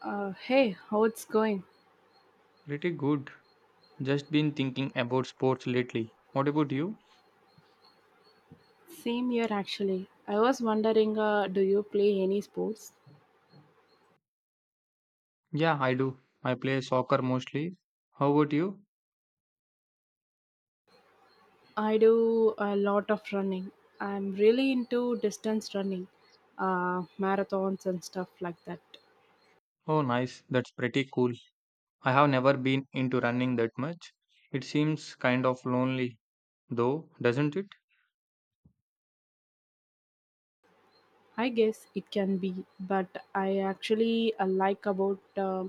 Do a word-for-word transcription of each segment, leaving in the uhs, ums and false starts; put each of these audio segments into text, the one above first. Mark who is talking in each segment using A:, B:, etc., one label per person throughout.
A: Uh, hey, how it's going?
B: Pretty good. Just been thinking about sports lately. What about you?
A: Same here actually. I was wondering, uh, do you play any sports?
B: Yeah, I do. I play soccer mostly. How about you?
A: I do a lot of running. I'm really into distance running, uh, marathons and stuff like that.
B: Oh, nice. That's pretty cool. I have never been into running that much. It seems kind of lonely, though, doesn't it?
A: I guess it can be, but I actually uh, like about uh,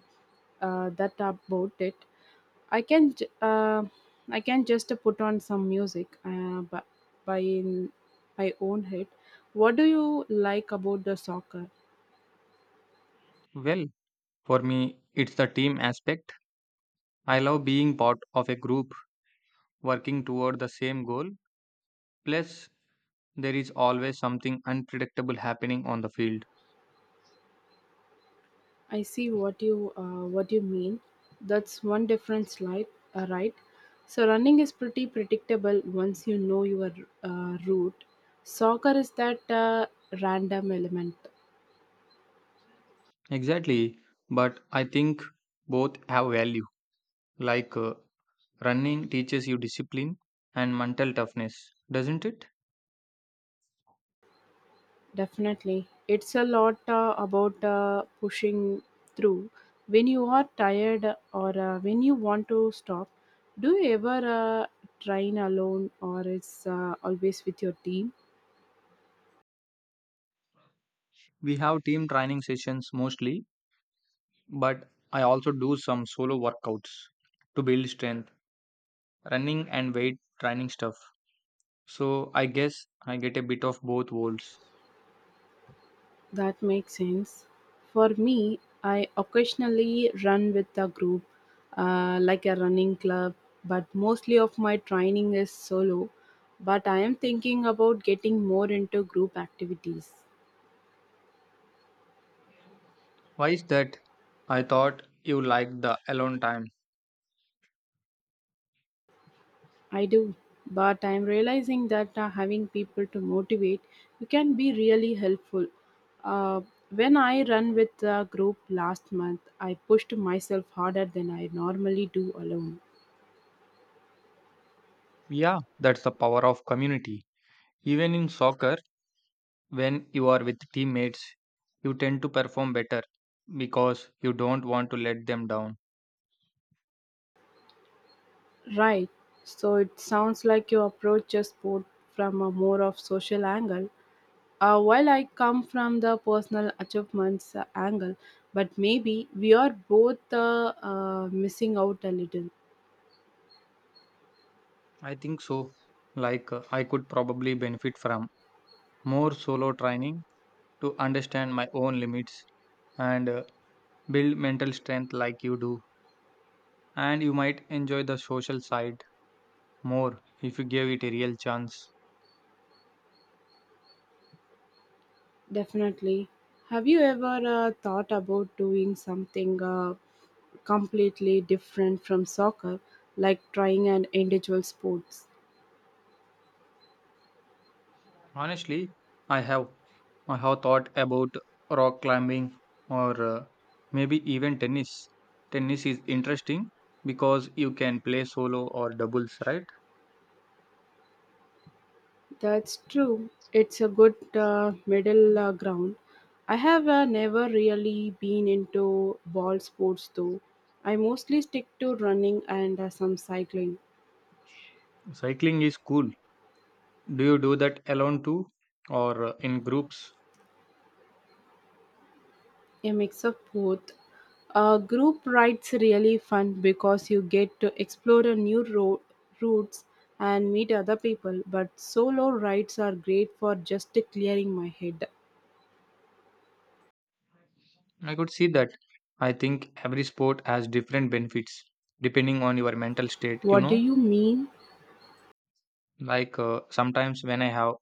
A: uh, that about it. I can j- uh, I can just uh, put on some music uh, by by in my own head. What do you like about the soccer?
B: Well, for me, it's the team aspect. I love being part of a group working toward the same goal. Plus, there is always something unpredictable happening on the field.
A: I see what you uh, what you mean. That's one difference, like uh, right? So running is pretty predictable once you know your uh, route. Soccer is that uh, random element.
B: Exactly, but I think both have value. Like, uh, running teaches you discipline and mental toughness, doesn't it?
A: Definitely, it's a lot uh, about uh, pushing through. When you are tired or uh, when you want to stop, do you ever uh, train alone or it's uh, always with your team?
B: We have team training sessions mostly, but I also do some solo workouts to build strength, running and weight training stuff. So I guess I get a bit of both worlds.
A: That makes sense. For me, I occasionally run with a group, uh, like a running club, but mostly of my training is solo. But I am thinking about getting more into group activities.
B: Why is that? I thought you liked the alone time.
A: I do, but I am realizing that uh, having people to motivate you can be really helpful. Uh, when I run with a group last month, I pushed myself harder than I normally do alone.
B: Yeah, that's the power of community. Even in soccer, when you are with teammates, you tend to perform better because you don't want to let them down.
A: Right. So it sounds like you approach your sport from a more of social angle. Uh, while I come from the personal achievements uh, angle, but maybe we are both uh, uh, missing out a little.
B: I think so. Like, uh, I could probably benefit from more solo training to understand my own limits and uh, build mental strength like you do. And you might enjoy the social side more if you give it a real chance.
A: Definitely. Have you ever uh, thought about doing something uh, completely different from soccer, like trying an individual sports?
B: Honestly, I have I have thought about rock climbing or uh, maybe even tennis. Tennis is interesting because you can play solo or doubles, right?
A: That's true. It's a good uh, middle uh, ground. I have uh, never really been into ball sports though. I mostly stick to running and uh, some cycling,
B: Cycling is cool. Do you do that alone too, or uh, in groups?
A: a mix of both. Uh, group rides really fun because you get to explore a new road routes and meet other people. But solo rides are great for just clearing my head.
B: I could see that. I think every sport has different benefits depending on your mental state. You
A: What do
B: know,
A: you mean?
B: like, uh, sometimes when I have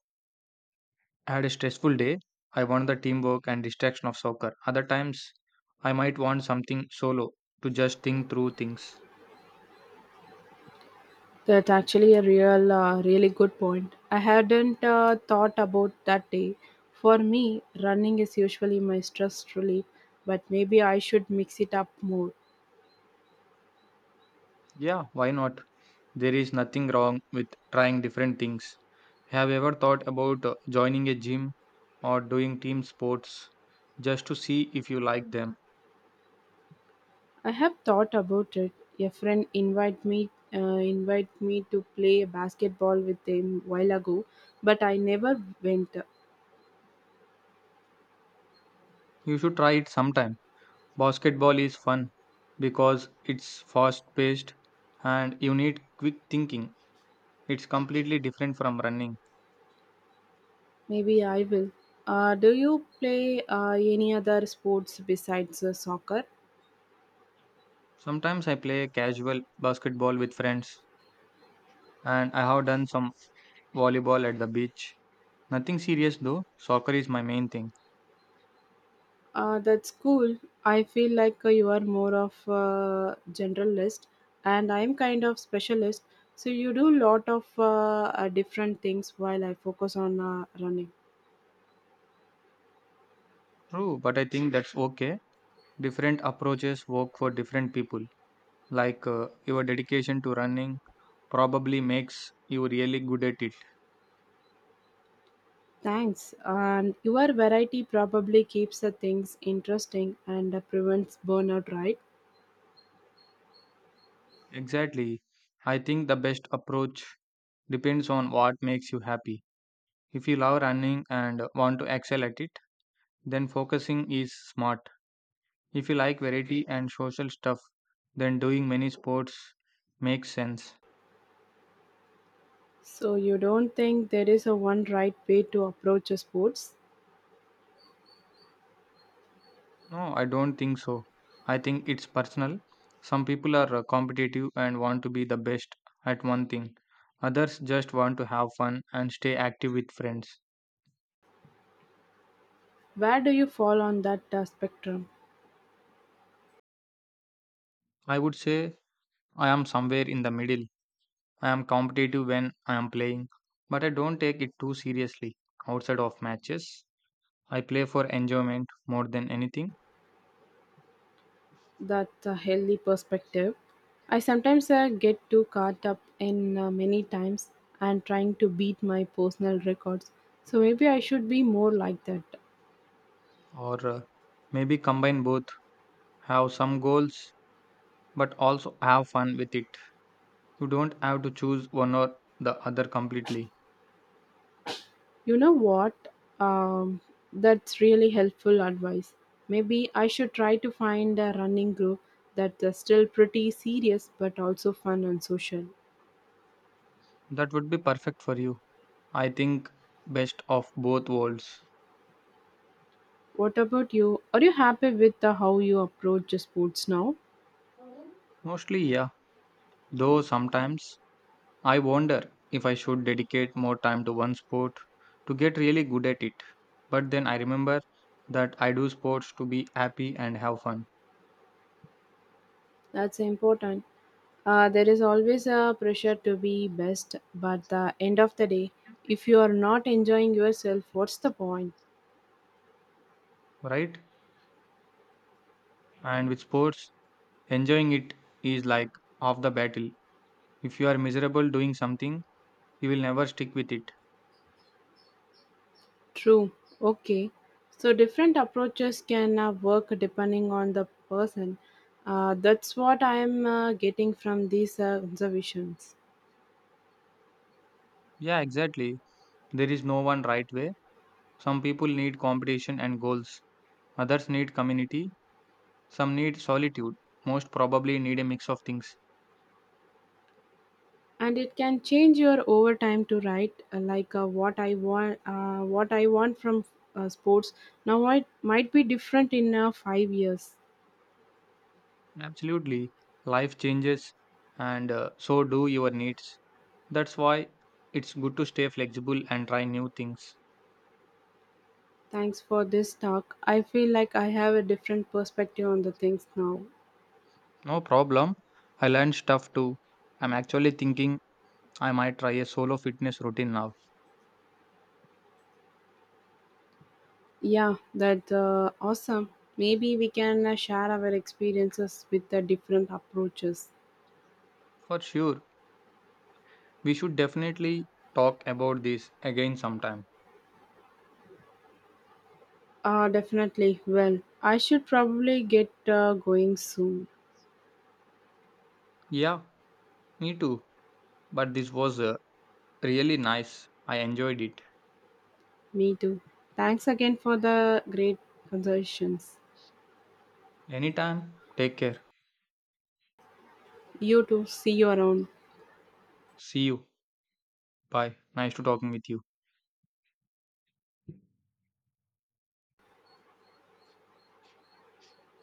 B: had a stressful day, I want the teamwork and distraction of soccer. Other times, I might want something solo to just think through things.
A: That's actually a real, uh, really good point. I hadn't uh, thought about that day. For me, running is usually my stress relief, but maybe I should mix it up more.
B: Yeah, why not? There is nothing wrong with trying different things. Have you ever thought about uh, joining a gym or doing team sports just to see if you like them?
A: I have thought about it. A friend invited me, uh, invite me to play basketball with them while ago, but I never went.
B: You should try it sometime. Basketball is fun because it's fast paced and you need quick thinking. It's completely different from running.
A: Maybe I will. Uh, do you play uh, any other sports besides uh, soccer?
B: Sometimes I play casual basketball with friends and I have done some volleyball at the beach. Nothing serious though, soccer is my main thing.
A: Uh, that's cool. I feel like uh, you are more of a generalist, and I'm kind of specialist. So you do lot of uh, uh, different things while I focus on uh, running.
B: True, but I think that's okay. Different approaches work for different people. Like, uh, your dedication to running probably makes you really good at it.
A: Thanks. And your variety probably keeps the things interesting and uh, prevents burnout, right?
B: Exactly. I think the best approach depends on what makes you happy. If you love running and want to excel at it, then focusing is smart. If you like variety and social stuff, then doing many sports makes sense.
A: So you don't think there is a one right way to approach a sports?
B: No, I don't think so. I think it's personal. Some people are uh, competitive and want to be the best at one thing. Others just want to have fun and stay active with friends.
A: Where do you fall on that uh, spectrum?
B: I would say I am somewhere in the middle. I am competitive when I am playing, but I don't take it too seriously outside of matches. I play for enjoyment more than anything,
A: That's a healthy perspective. I sometimes uh, get too caught up in uh, many times and trying to beat my personal records. So maybe I should be more like that.
B: or uh, maybe combine both, have some goals, but also have fun with it. You don't have to choose one or the other completely.
A: You know what? Um, that's really helpful advice. Maybe I should try to find a running group that's uh, still pretty serious but also fun and social.
B: That would be perfect for you. I think best of both worlds.
A: What about you? Are you happy with uh, how you approach sports now?
B: Mostly, yeah. Though sometimes I wonder if I should dedicate more time to one sport to get really good at it. But then I remember that I do sports to be happy and have fun,
A: That's important. Uh, there is always a pressure to be best, but the end of the day, if you are not enjoying yourself, what's the point?
B: right? And with sports, enjoying it is like half the battle. If you are miserable doing something, you will never stick with it.
A: True. Okay. So different approaches can uh, work depending on the person. Uh, that's what I am uh, getting from these uh, observations.
B: Yeah, exactly. There is no one right way. Some people need competition and goals. Others need community, some need solitude, most probably need a mix of things.
A: And it can change your over time to write uh, like uh, what I want. Uh, what I want from uh, sports now might might be different in uh, five years.
B: Absolutely, life changes and uh, so do your needs. That's why it's good to stay flexible and try new things.
A: Thanks for this talk. I feel like I have a different perspective on the things now.
B: No problem, I learned stuff too. I'm actually thinking I might try a solo fitness routine now.
A: Yeah, that's uh, awesome. Maybe we can uh, share our experiences with the different approaches.
B: For sure, we should definitely talk about this again sometime.
A: Uh, definitely. Well, I should probably get uh, going soon.
B: Yeah, me too. But this was uh, really nice. I enjoyed it.
A: Me too. Thanks again for the great conversations.
B: Anytime, take care.
A: You too. See you around.
B: See you. Bye. Nice to talking with you.